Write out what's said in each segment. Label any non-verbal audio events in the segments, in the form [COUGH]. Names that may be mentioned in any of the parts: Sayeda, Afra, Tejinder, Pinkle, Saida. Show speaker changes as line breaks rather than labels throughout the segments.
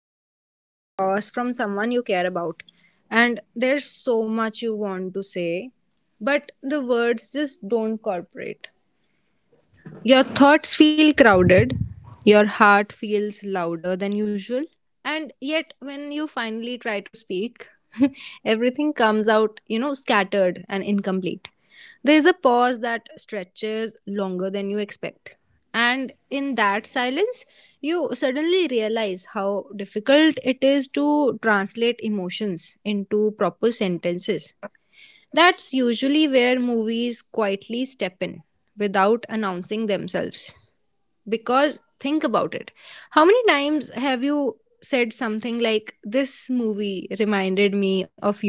when you're sitting across from someone you care about, and there's so much you want to say, but the words just don't cooperate. Your thoughts feel crowded, your heart feels louder than usual, and yet when you finally try to speak, [LAUGHS] everything comes out, scattered and incomplete. There is a pause that stretches longer than you expect. And in that silence, you suddenly realize how difficult it is to translate emotions into proper sentences. That's usually where movies quietly step in without announcing themselves. Because think about it. How many times have you said something like, "This movie reminded me of you?"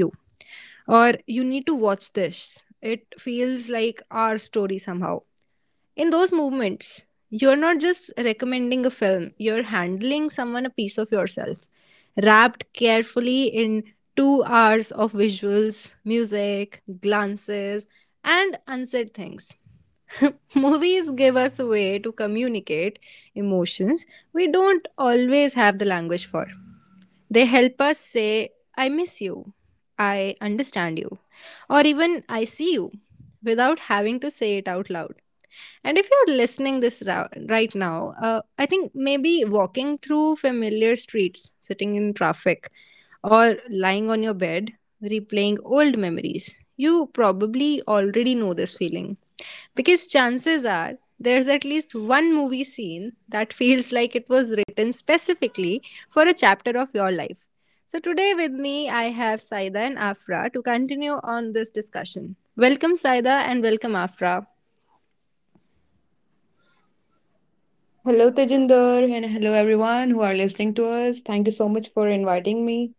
Or, "You need to watch this. It feels like our story somehow." In those movements, you're not just recommending a film, you're handling someone a piece of yourself, wrapped carefully in 2 hours of visuals, music, glances, and unsaid things. [LAUGHS] Movies give us a way to communicate emotions we don't always have the language for. They help us say, "I miss you," "I understand you," or even, "I see you," without having to say it out loud. And if you're listening right now, I think maybe walking through familiar streets, sitting in traffic, or lying on your bed replaying old memories, you probably already know this feeling. Because chances are, there's at least one movie scene that [LAUGHS] feels like it was written specifically for a chapter of your life. So, today with me, I have Saida and Afra to continue on this discussion. Welcome, Saida, and welcome, Afra.
Hello, Tejinder, and hello everyone who are listening to us. Thank you so much for inviting me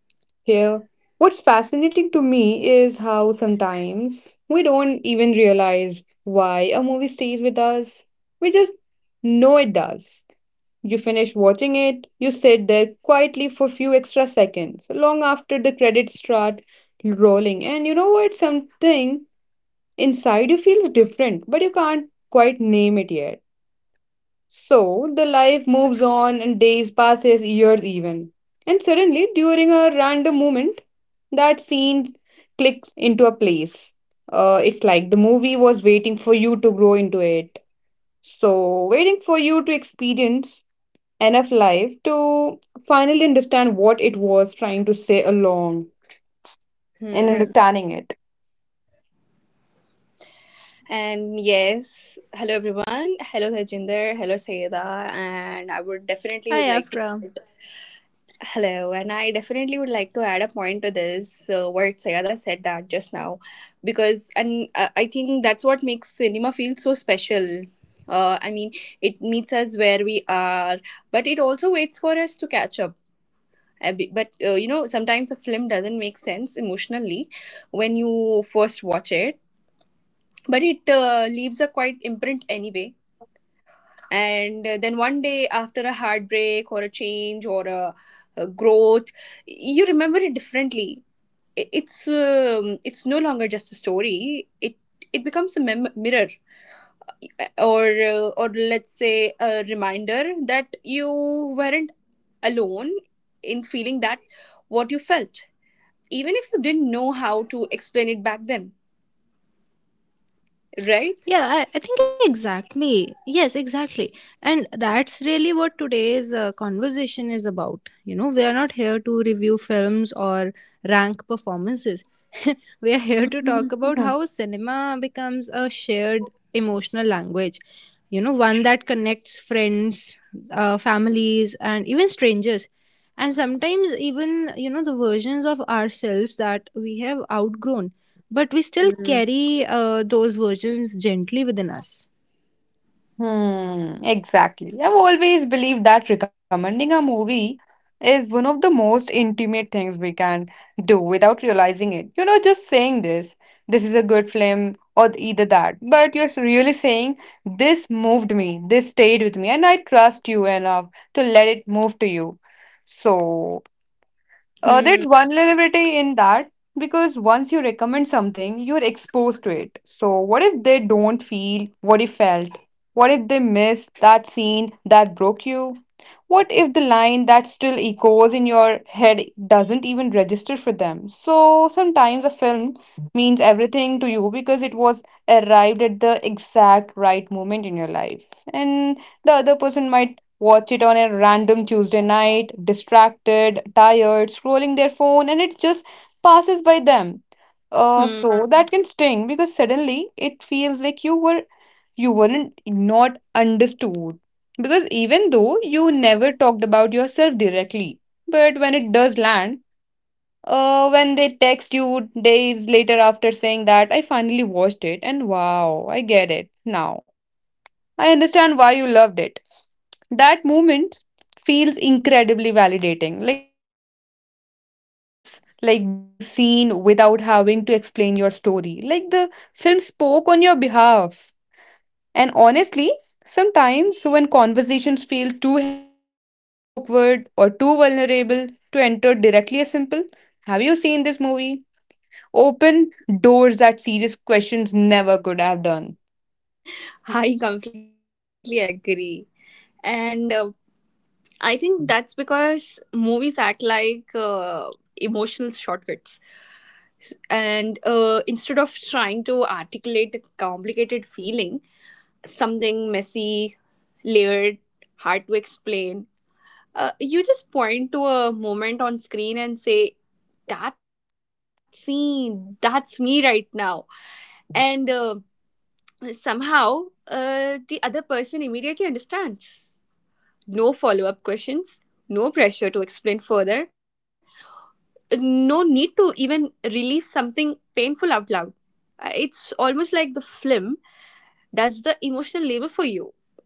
here. What's fascinating to me is how sometimes we don't even realize why a movie stays with us. We just know it does. You finish watching it, you sit there quietly for a few extra seconds, long after the credits start rolling. And you know what? Something inside you feels different, but you can't quite name it yet. So the life moves on and days passes, years even. And suddenly, during a random moment, that scene clicks into a place. It's like the movie was waiting for you to grow into it. So, waiting for you to experience enough life to finally understand what it was trying to say along and
Hmm.
understanding it.
And yes, hello everyone. Hello Tejinder. Hello Sayeda. And I would definitely
Hi,
would like
Afra.
to hello. And I definitely would like to add a point to this what Sayeda said that just now, because and I think that's what makes cinema feel so special. I mean, it meets us where we are, but it also waits for us to catch up. But you know, sometimes a film doesn't make sense emotionally when you first watch it, but it leaves a quite imprint anyway, and then one day after a heartbreak or a change or a growth, you remember it differently. It's it's no longer just a story. It it becomes a mirror, or or let's say a reminder that you weren't alone in feeling that, what you felt, even if you didn't know how to explain it back then, right?
Yeah, I think exactly. Yes, exactly. And that's really what today's conversation is about. You know, we are not here to review films or rank performances. [LAUGHS] We are here to talk about
Mm-hmm.
how cinema becomes a shared emotional language, you know, one that connects friends, families, and even strangers. And sometimes, even, you know, the versions of ourselves that we have outgrown, but we still carry those versions gently within us.
Hmm, exactly. I've always believed that recommending a movie is one of the most intimate things we can do without realizing it. You know, just saying this is a good film, or either that. But you're really saying, this moved me, this stayed with me, and I trust you enough to let it move to you. So,
Hmm.
there's vulnerability in that because once you recommend something, you're exposed to it. So, what if they don't feel what you felt? What if they miss that scene that broke you? What if the line that still echoes in your head doesn't even register for them? So sometimes a film means everything to you because it was arrived at the exact right moment in your life. And the other person might watch it on a random Tuesday night, distracted, tired, scrolling their phone, and it just passes by them. Uh,
Hmm.
so that can sting because suddenly it feels like you weren't not understood, because even though you never talked about yourself directly, but when it does land, when they text you days later after saying that I finally watched it and wow, I get it now, I understand why you loved it, that moment feels incredibly validating. Like, seriously, it's like being seen without having to explain your story, like the film spoke on your behalf. And honestly, sometimes when conversations feel too heavy or too awkward or too vulnerable to enter directly as simple, have you seen this movie? Open doors that serious questions never could have done.
I completely agree. And I think that's because movies act like emotional shortcuts. S- And Instead of trying to articulate a complicated feeling, something messy, layered, hard to explain, you just point to a moment on screen and say, that scene, that's me right now. And uh, Somehow, uh, the other person immediately understands. No follow up questions, no pressure to explain further, no need to even relieve something painful out loud. It's almost like the film does the emotional labor for you,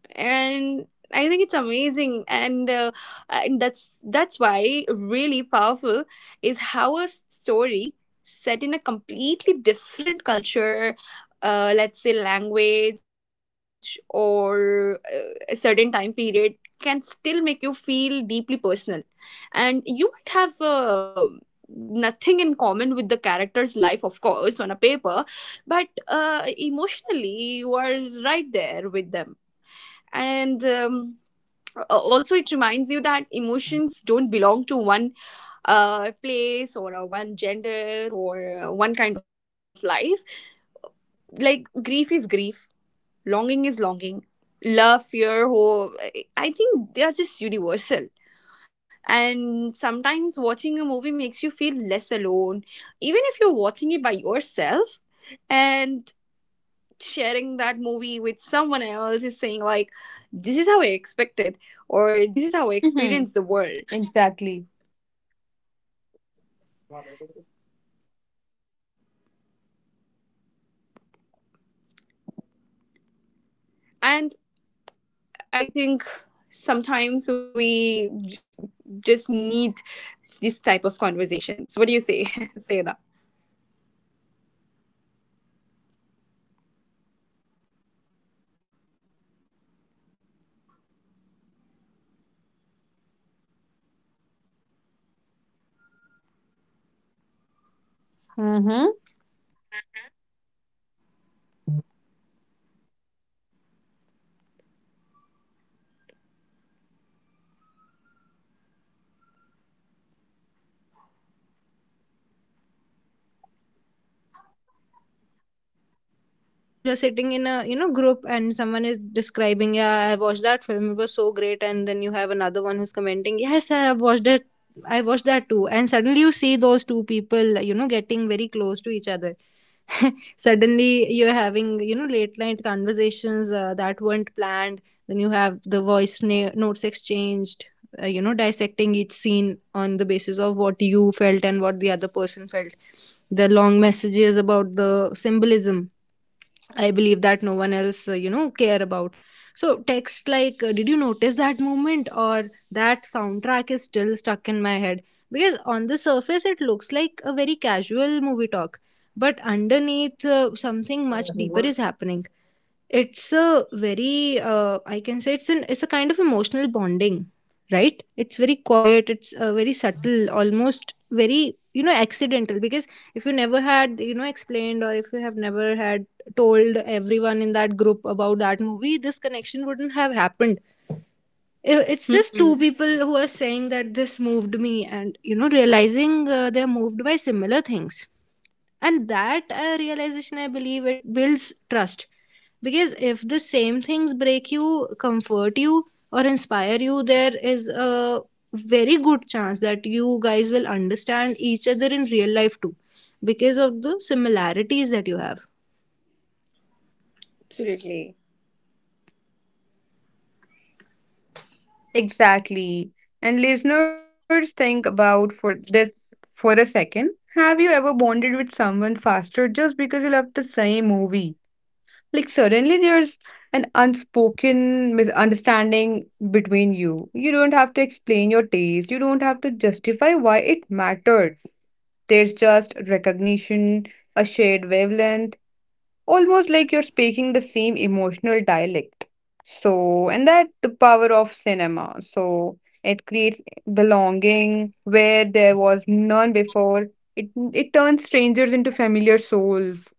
and I think it's amazing. And that's why really powerful is how a story set in a completely different culture, let's say language or a certain time period, can still make you feel deeply personal. And you might have nothing in common with the character's life, of course on a paper, but emotionally you are right there with them. And Also it reminds you that emotions don't belong to one place or one gender or one kind of life. Like, grief is grief, longing is longing, love, fear, hope, I think they are just universal. And sometimes watching a movie makes you feel less alone, even if you're watching it by yourself. And sharing that movie with someone else is saying like, this is how I expected," or this is how I
Hmm.
experience the world.
Exactly.
And I think sometimes just need this type of conversations, what do you say [LAUGHS] say that.
Mm-hmm.
Like you're sitting in a, you know, group, and someone is describing, "Yeah, I watched that film, it was so great," and then you have another one who's commenting, "Yes, I have watched it, I watched that too," and suddenly you see those two people, you know, getting very close to each other. [LAUGHS] Suddenly you're having, you know, late night conversations that weren't planned. Then you have the notes exchanged, you know, dissecting each scene on the basis of what you felt and what the other person felt, the long messages about the symbolism I believe that no one else, you know, care about. So text like, "Did you notice that moment?" or "That soundtrack is still stuck in my head?" Because on the surface, it looks like a very casual movie talk, but underneath, something much deeper is happening. It's a very I can say it's a kind of emotional bonding, right? It's very quiet, it's very subtle, almost very, you know, accidental, because if you never had, you know, explained, or if you have never had told everyone in that group about that movie, this connection wouldn't have happened. It's just two people who are saying that this moved me, and, you know, realizing they're moved by similar things. And that realization, I believe, it builds trust, because if the same things break you, comfort you, or inspire you, there is a very good chance that you guys will understand each other in real life too, because of the similarities that you have.
Absolutely.
Exactly. And listeners, think about for this for a second. Have you ever bonded with someone faster just because you love the same movie? Like, suddenly there's an unspoken misunderstanding between you. You don't have to explain your taste, you don't have to justify why it mattered. There's just recognition, a shared wavelength, almost like you're speaking the same emotional dialect. So, and that the power of cinema. So it creates belonging where there was none before. It it turns strangers into familiar souls.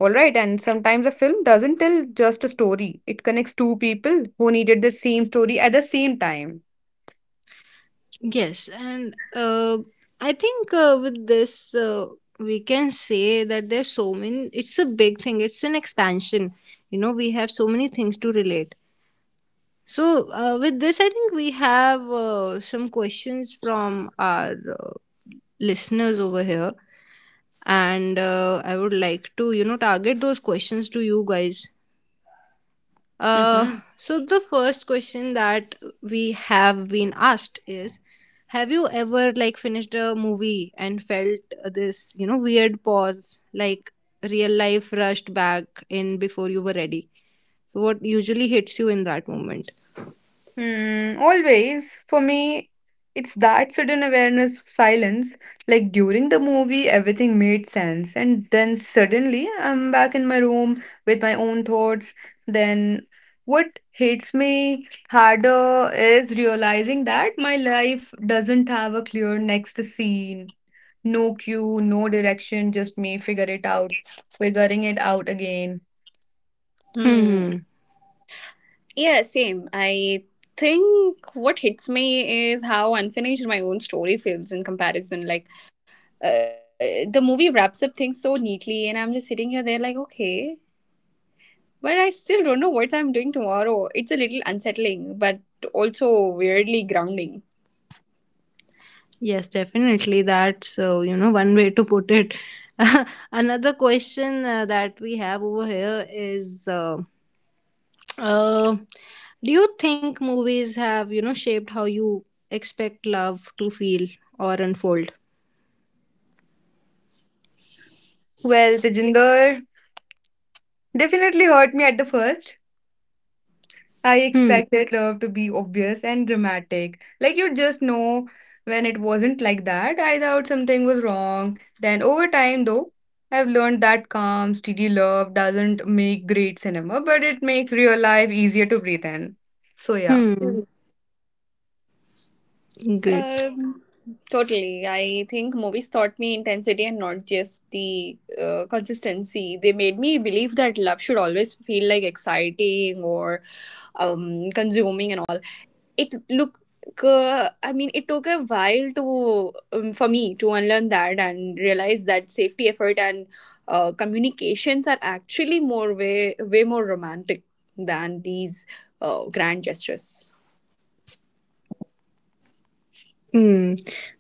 All right, and sometimes a film doesn't tell just a story. It connects two people who needed the same story at the same time.
Yes, and I think, with this, we can say that there's so many, it's a big thing, it's an expansion. You know, we have so many things to relate. So, with this, I think we have some questions from our listeners over here. And I would like to, you know, target those questions to you guys. Uh,
Hmm.
so, the first question that we have been asked is, have you ever, like, finished a movie and felt this, you know, weird pause, like real life rushed back in before you were ready? So, what usually hits you in that moment?
Hmm, always. For me, it's that sudden awareness of silence. Like during the movie, everything made sense. And then suddenly, I'm back in my room with my own thoughts. Then, what hits me harder is realizing that my life doesn't have a clear next scene. No cue, no direction, just me figure it out, figuring it out again.
Hmm.
Hmm.
Yeah, same. I think what hits me is how unfinished my own story feels in comparison. Like, the movie wraps up things so neatly, and I'm just sitting here there, like, okay, but I still don't know what I'm doing tomorrow. It's a little unsettling, but also weirdly grounding.
Yes, definitely. That's, you know, one way to put it. [LAUGHS] Another question that we have over here is: uh, do you think movies have, you know, shaped how you expect love to feel or unfold?
Well, the Tejinder definitely hurt me at the first. I
Hmm.
expected love to be obvious and dramatic. Like you just know. When it wasn't like that, I thought something was wrong. Then over time though, I've learned that calm, steady love doesn't make great cinema, but it makes real life easier to breathe in. So yeah.
Hmm.
Mm.
Great.
Um, totally. I think movies taught me intensity and not just the consistency. They made me believe that love should always feel like exciting or consuming and all. It look. I mean, it took a while to for me to unlearn that and realize that safety effort and communications are actually more way more romantic than these grand gestures.
Hmm,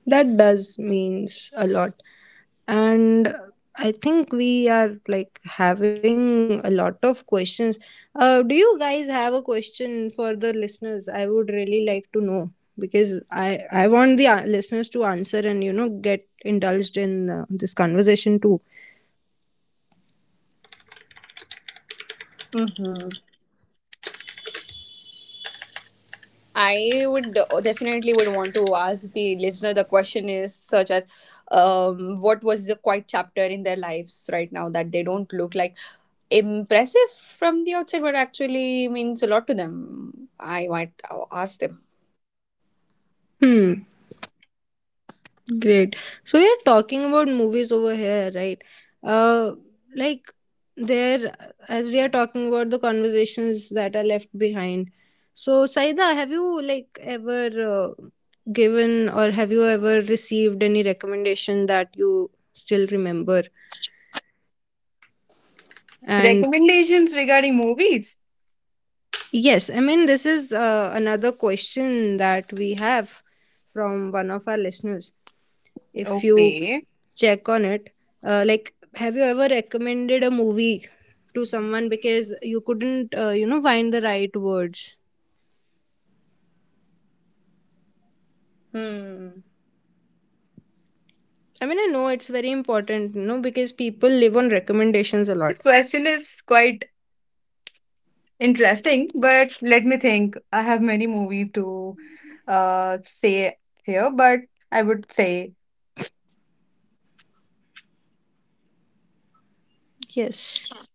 that does means a lot. And I think we are, like, having a lot of questions. Do you guys have a question for the listeners? I would really like to know, because I want the listeners to answer and, you know, get indulged in this conversation too.
Mm-hmm. I would definitely would want to ask the listener, the question is such as, what was the quiet chapter in their lives right now that they don't look like impressive from the outside but actually means a lot to them. I might ask them.
Hmm. Great. So we are talking about movies over here, right? Uh, like, there, as we are talking about the conversations that are left behind. So Saida, have you, like, ever given, or have you ever received any recommendation that you still remember? And
Recommendations regarding movies.
yes, I mean, this is another question that we have from one of our listeners, if you
Okay.
check on it. Like, have you ever recommended a movie to someone because you couldn't, you know, find the right words?
Hmm.
I mean, I know it's very important, you know, because people live on recommendations a lot.
This question is quite interesting, but let me think. I have many movies to say here, but I would say.
Yes.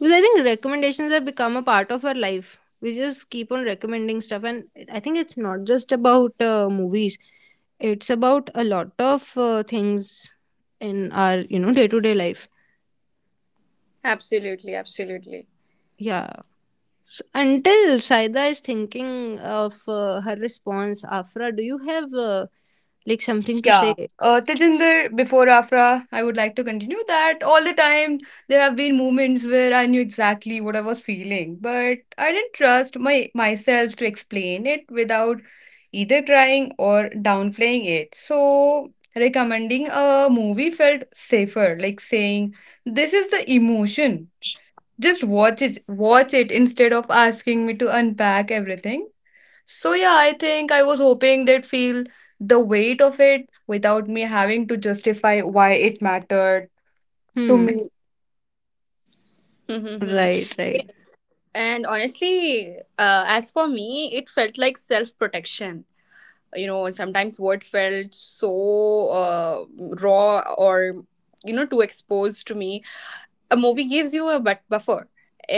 Because I think recommendations have become a part of our life. We just keep on recommending stuff. And I think it's not just about movies, it's about a lot of things in our, you know, day to day life.
Absolutely. Absolutely.
Yeah. So, until Saida is thinking of her response, Afra, do you have like something to
Yeah.
say?
Tejinder, before Afra, I would like to continue that all the time there have been moments where I knew exactly what I was feeling, but I didn't trust my myself to explain it without either crying or downplaying it. So recommending a movie felt safer, like saying, "This is the emotion. Just watch it, watch it," instead of asking me to unpack everything. So yeah, I think I was hoping they'd feel the weight of it without me having to justify why it mattered to
Hmm.
me.
Mm-hmm.
Right, right.
Yes. And honestly, as for me, it felt like self protection. You know, sometimes what felt so raw or you know too exposed to me, a movie gives you a buffer.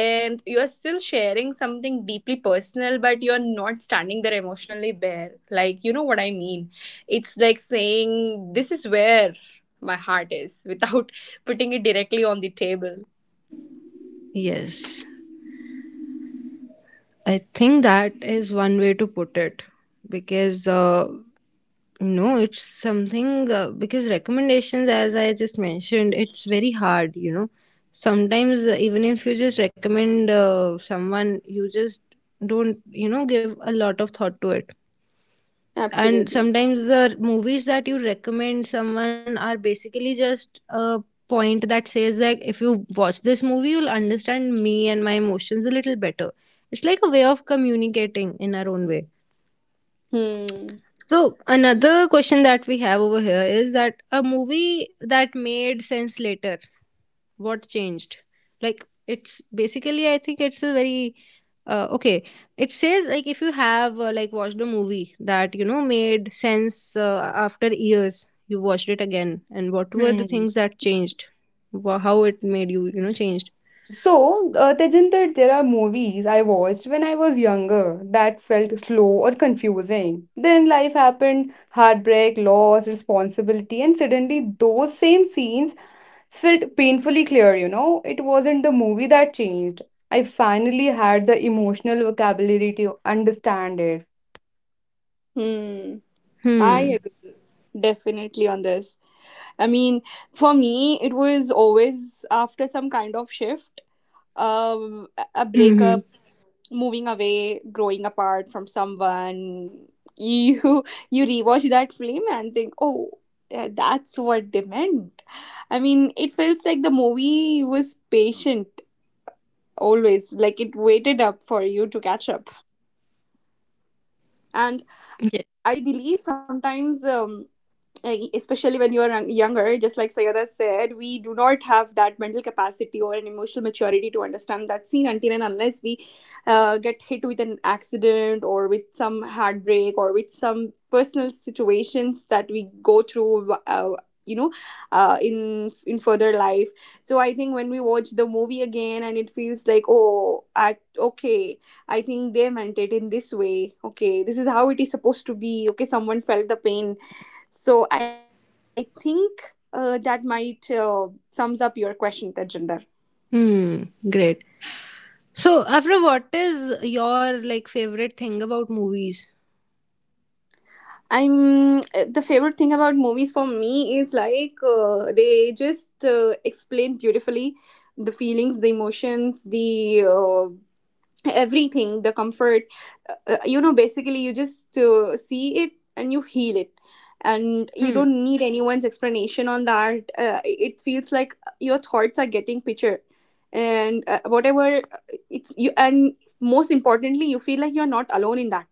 And you are still sharing something deeply personal, but you are not standing there emotionally bare, like you know what I mean. It's like saying, this is where my heart is, without [LAUGHS] putting it directly on the table.
Yes. I think that is one way to put it, because no, it's something, because recommendations, as I just mentioned, it's very hard, you know. Sometimes, even if you just recommend someone, you just don't, you know, give a lot of thought to it. And
Absolutely.
sometimes the movies that you recommend someone are basically just a point that says, like, if you watch this movie, you'll understand me and my emotions a little better. It's like a way of communicating in our own way.
Hmm.
So, another question that we have over here is that, a movie that made sense later, what changed? Like, it's basically, I think it's a very okay. It says, like, if you have like watched a movie that, you know, made sense after years, you watched it again, and what were the
Hmm.
things that changed? How it made you, you know, changed?
So, Tejinder, there are movies I watched when I was younger that felt slow or confusing. Then life happened, heartbreak, loss, responsibility, and suddenly those same scenes felt painfully clear, you know? It wasn't the movie that changed. I finally had the emotional vocabulary to understand it.
Hmm.
Hmm.
I agree, definitely on this. I mean, for me, it was always after some kind of shift, a
Hmm. Hmm.
breakup, moving away, growing apart from someone. You [LAUGHS] you rewatch that film and think, oh, yeah, that's what they meant. I mean, it feels like the movie was patient always, like it waited up for you to catch up. And I
Yeah.
believe sometimes. Especially when you are younger, just like Sayada said, we do not have that mental capacity or an emotional maturity to understand that scene until and unless we get hit with an accident or with some heartbreak or with some personal situations that we go through. You know in further life. So I think when we watch the movie again and it feels like, oh I, okay, I think they meant it in this way. Okay, this is how it is supposed to be. Okay, someone felt the pain. So I think that might sums up your question, Tejinder.
Hmm. Great. So, Afra, what is your, like, favorite thing about movies?
I'm the favorite thing about movies for me is like they just explain beautifully the feelings, the emotions, the everything, the comfort. You know, basically you just see it and you feel it, and you
Hmm.
don't need anyone's explanation on that. It feels like your thoughts are getting picture. And whatever it's you. And most importantly, you feel like you're not alone in that.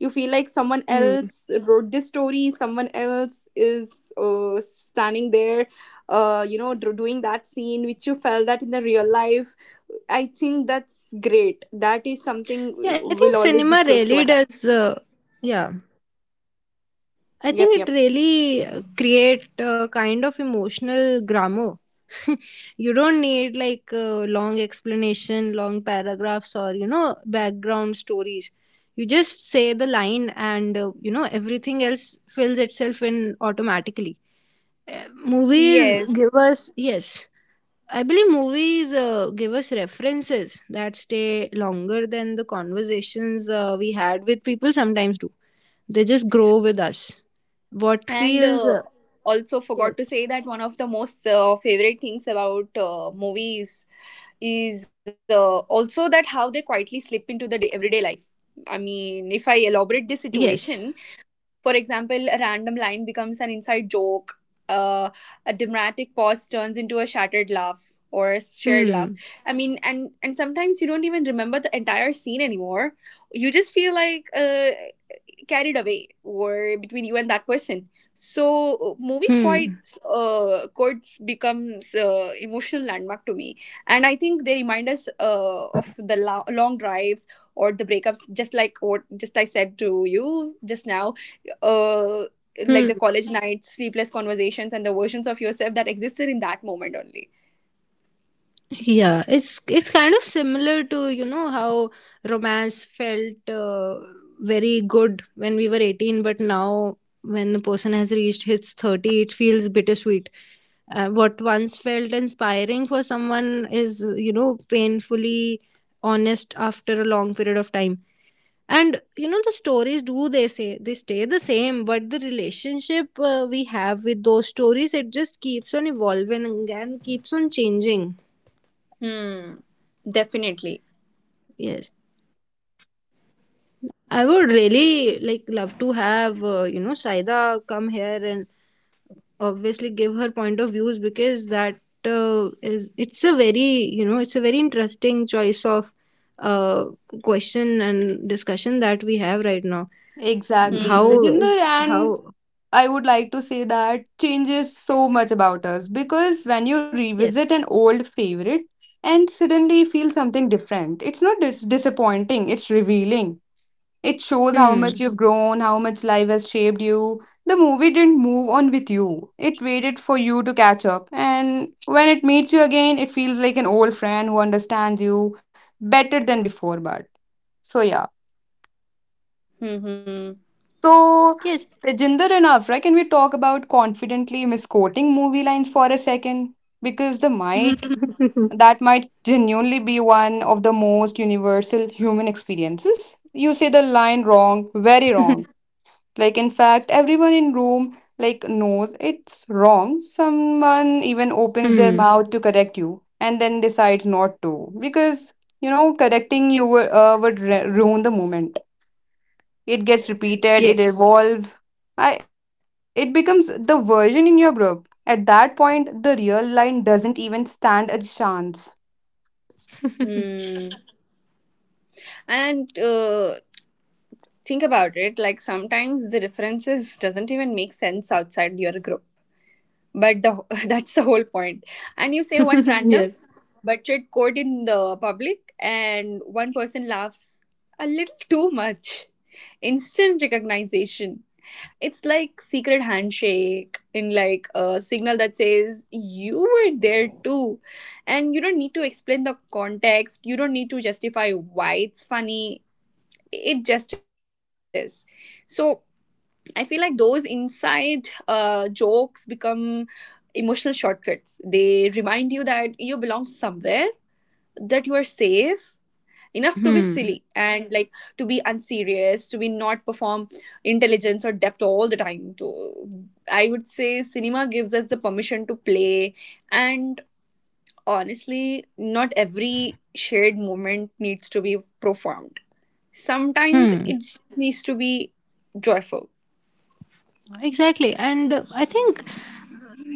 You feel like someone
Hmm.
else wrote this story, someone else is standing there, you know doing that scene which you felt that in the real life. I think that's great. That is something
Yeah, I think
will always be
cinema
close to my
really
heart.
does. Yeah, I
Yep,
think it
yep.
really create a kind of emotional grammar. [LAUGHS] You don't need, like, long explanation, long paragraphs, or, you know, background stories. You just say the line, and, you know, everything else fills itself in automatically. Movies
Yes,
give us, yes, I believe movies give us references that stay longer than the conversations we had with people sometimes do. They just grow with us. What
and
feels.
also forgot to
Yes.
say that one of the most favorite things about movies is also that how they quietly slip into the day everyday life. I mean, if I elaborate this
Yes.
situation, for example, a random line becomes an inside joke, uh, a dramatic pause turns into a shattered laugh or a shared laugh.
Hmm.
I mean, and sometimes you don't even remember the entire scene anymore. You just feel like carried away or between you and that person. So movie
Hmm.
quotes, quotes becomes emotional landmark to me. And I think they remind us of the long drives or the breakups, just like what just I said to you just now, uh, like
Hmm.
the college nights, sleepless conversations, and the versions of yourself that existed in that moment only.
Yeah, it's kind of similar to, you know, how romance felt very good when we were 18, but now, when the person has reached his 30, it feels bittersweet. What once felt inspiring for someone is, you know, painfully honest after a long period of time. And, you know, the stories, do they say, they stay the same, but the relationship we have with those stories, it just keeps on evolving and keeps on changing.
Hmm, definitely.
Yes, I would really, like, love to have, you know, Saida come here and obviously give her point of views, because that is, it's a very, you know, it's a very interesting choice of uh question and discussion that we have right now.
Exactly,
Mm-hmm.
How
Tejinder.
is
And
how.
I would like to say that changes so much about us, because when you
Yes.
revisit an old favorite and suddenly feel something different, it's not disappointing, it's revealing. It shows how
Hmm.
much you've grown, how much life has shaped you. The movie didn't move on with you, it waited for you to catch up. And when it meets you again, it feels like an old friend who understands you better than before, but so yeah.
Mm-hmm.
So,
Yes.
Tejinder and Afra, can we talk about confidently misquoting movie lines for a second? Because the might
[LAUGHS]
[LAUGHS]
that might genuinely be one of the most universal human experiences. You say the line wrong, very wrong. Like in fact, everyone in room like knows it's wrong. Someone even opens their
Hmm.
mouth to correct you and then decides not to, because you know correcting you would ruin the moment. It gets repeated, it
Yes.
evolves, it becomes the version in your group. At that point, the real line doesn't even stand a chance.
[LAUGHS]
Hmm. And think about it, like sometimes the differences doesn't even make sense outside your group, but the [LAUGHS] that's the whole point. And you say one random
Yes.
but quote in the public and one person laughs a little too much, instant recognition. It's like secret handshake, in like a signal that says you were there too. And you don't need to explain the context, you don't need to justify why it's funny, it just is. So I feel like those inside jokes become emotional shortcuts. They remind you that you belong somewhere, that you are safe enough to be silly,
Hmm.
and like to be unserious, to be not perform intelligence or depth all the time. To, I would say cinema gives us the permission to play, and honestly, not every shared moment needs to be profound. Sometimes
Hmm.
it just needs to be joyful.
Exactly. And, I think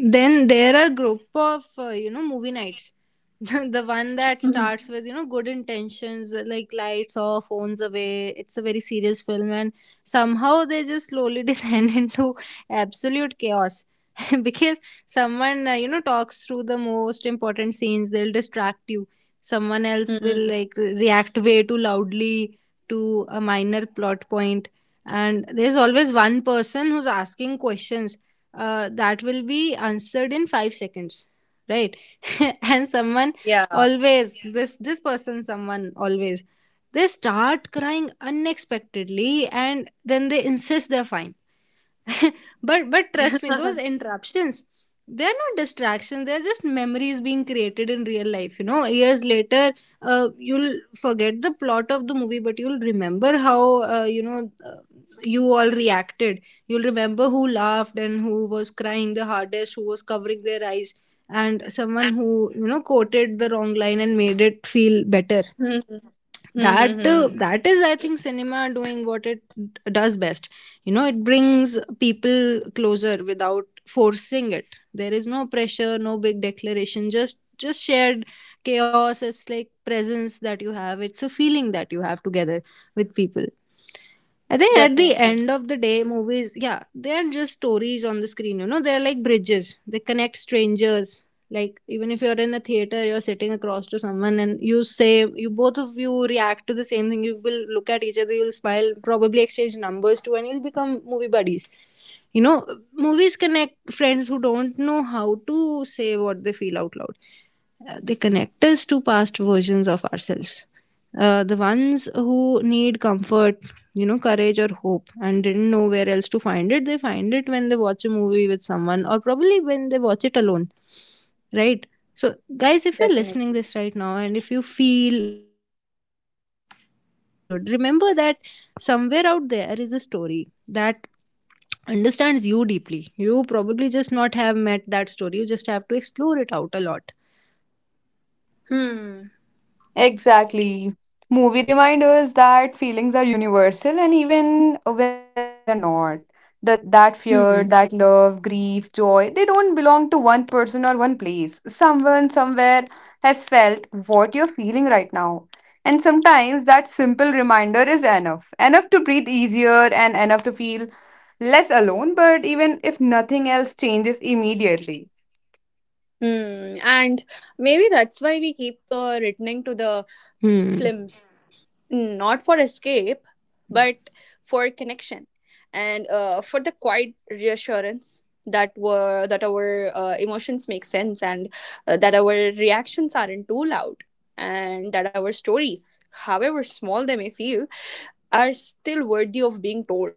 then there are group of, you know, movie nights. [LAUGHS] The one that starts with, you know, good intentions, like lights off, phones away. It's a very serious film. And somehow they just slowly [LAUGHS] descend into absolute chaos. [LAUGHS] Because someone, you know, talks through the most important scenes, they'll distract you. Someone else
Mm,
will, like, react way too loudly to a minor plot point. And there's always one person who's asking questions that will be answered in 5 seconds, right? [LAUGHS] And someone
yeah.
always, this person, someone always, they start crying unexpectedly, and then they insist they're fine. [LAUGHS] But trust me, those
[LAUGHS]
interruptions, they're not distractions, they're just memories being created in real life. You know, years later, you'll forget the plot of the movie, but you'll remember how, you know, you all reacted. You'll remember who laughed and who was crying the hardest, who was covering their eyes, and someone who, you know, quoted the wrong line and made it feel better.
Hmm, hmm, hmm,
That,
hmm.
that is, I think, cinema doing what it does best. You know, it brings people closer without forcing it. There is no pressure, no big declaration. Just shared chaos. It's like presence that you have. It's a feeling that you have together with people. I think at the
Definitely,
end of the day, movies, yeah, they are just stories on the screen. You know, they're like bridges. They connect strangers. Like, even if you're in a theater, you're sitting across to someone, and you say, you both of you react to the same thing, you will look at each other. You'll smile. Probably exchange numbers too, and you'll become movie buddies. You know, movies connect friends who don't know how to say what they feel out loud. They connect us to past versions of ourselves, the ones who need comfort, you know, courage or hope, and didn't know where else to find it. They find it when they watch a movie with someone, or probably when they watch it alone, right? So, guys, if you're listening
definitely.
this right now, and if you feel a little unseen, a little misunderstood, remember that somewhere out there is a story that understands you deeply. You probably just not have met that story. You just have to explore it out a lot.
Hmm.
Exactly. Movie reminders that feelings are universal and even when lives are not. That fear,
Hmm.
that love, grief, joy, they don't belong to one person or one place. Someone somewhere has felt what you're feeling right now. And sometimes that simple reminder is enough. Enough to breathe easier and enough to feel less alone, but even if nothing else changes immediately.
Hmm. And maybe that's why we keep returning to the
Hmm.
films. Hmm, not for escape, but for connection, and for the quiet reassurance that were that our emotions make sense, and that our reactions aren't too loud, and that our stories, however small they may feel, are still worthy of being told.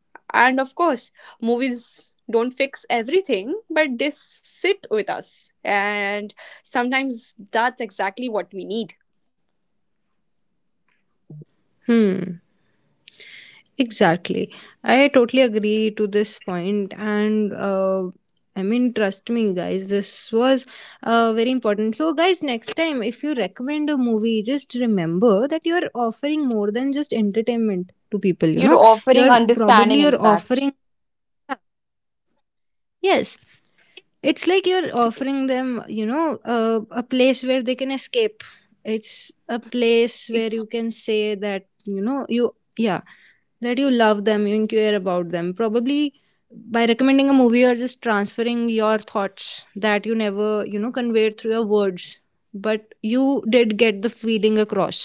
And of course, movies don't fix everything, but they sit with us. And sometimes that's exactly what we need.
Hmm. Exactly. I totally agree to this point. And I mean, trust me guys, this was very important. So, guys, next time if you recommend a movie, just remember that you are offering more than just entertainment to people, you
You're
know. You
offering
are probably
understanding, in
you're
fact.
offering, yes, it's like you're offering them, you know, a place where they can escape. It's a place where
It's
you can say that, you know, you, yeah, that you love them, you care about them. Probably by recommending a movie, you're just transferring your thoughts that you never, you know, conveyed through your words. But you did get the feeling across.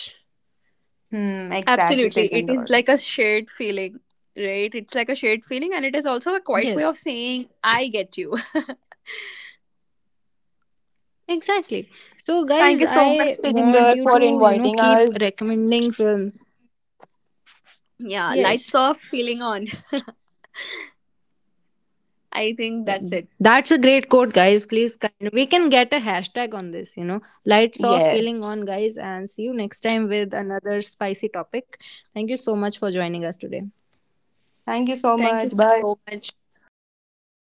Hmm, exactly,
absolutely, it is
Tejinder.
like a shared feeling, right? It's like a shared feeling, and it is also a quiet way
Yes,
of saying, I get you. [LAUGHS]
exactly. So,
Thank
guys,
you so
I
much,
want
Tejinder,
you
for
to, you know,
inviting
keep
us.
recommending films.
Yeah, lights
Yes.
off, feeling on. I think
Yeah,
that's it.
that's a great quote, guys. Please, kind we can get a hashtag on this. You know, lights off, feeling
Yes.
on, guys, and see you next time with another spicy topic. Thank you so much for joining us today.
Thank you so
Thank you
much. Bye.
so much.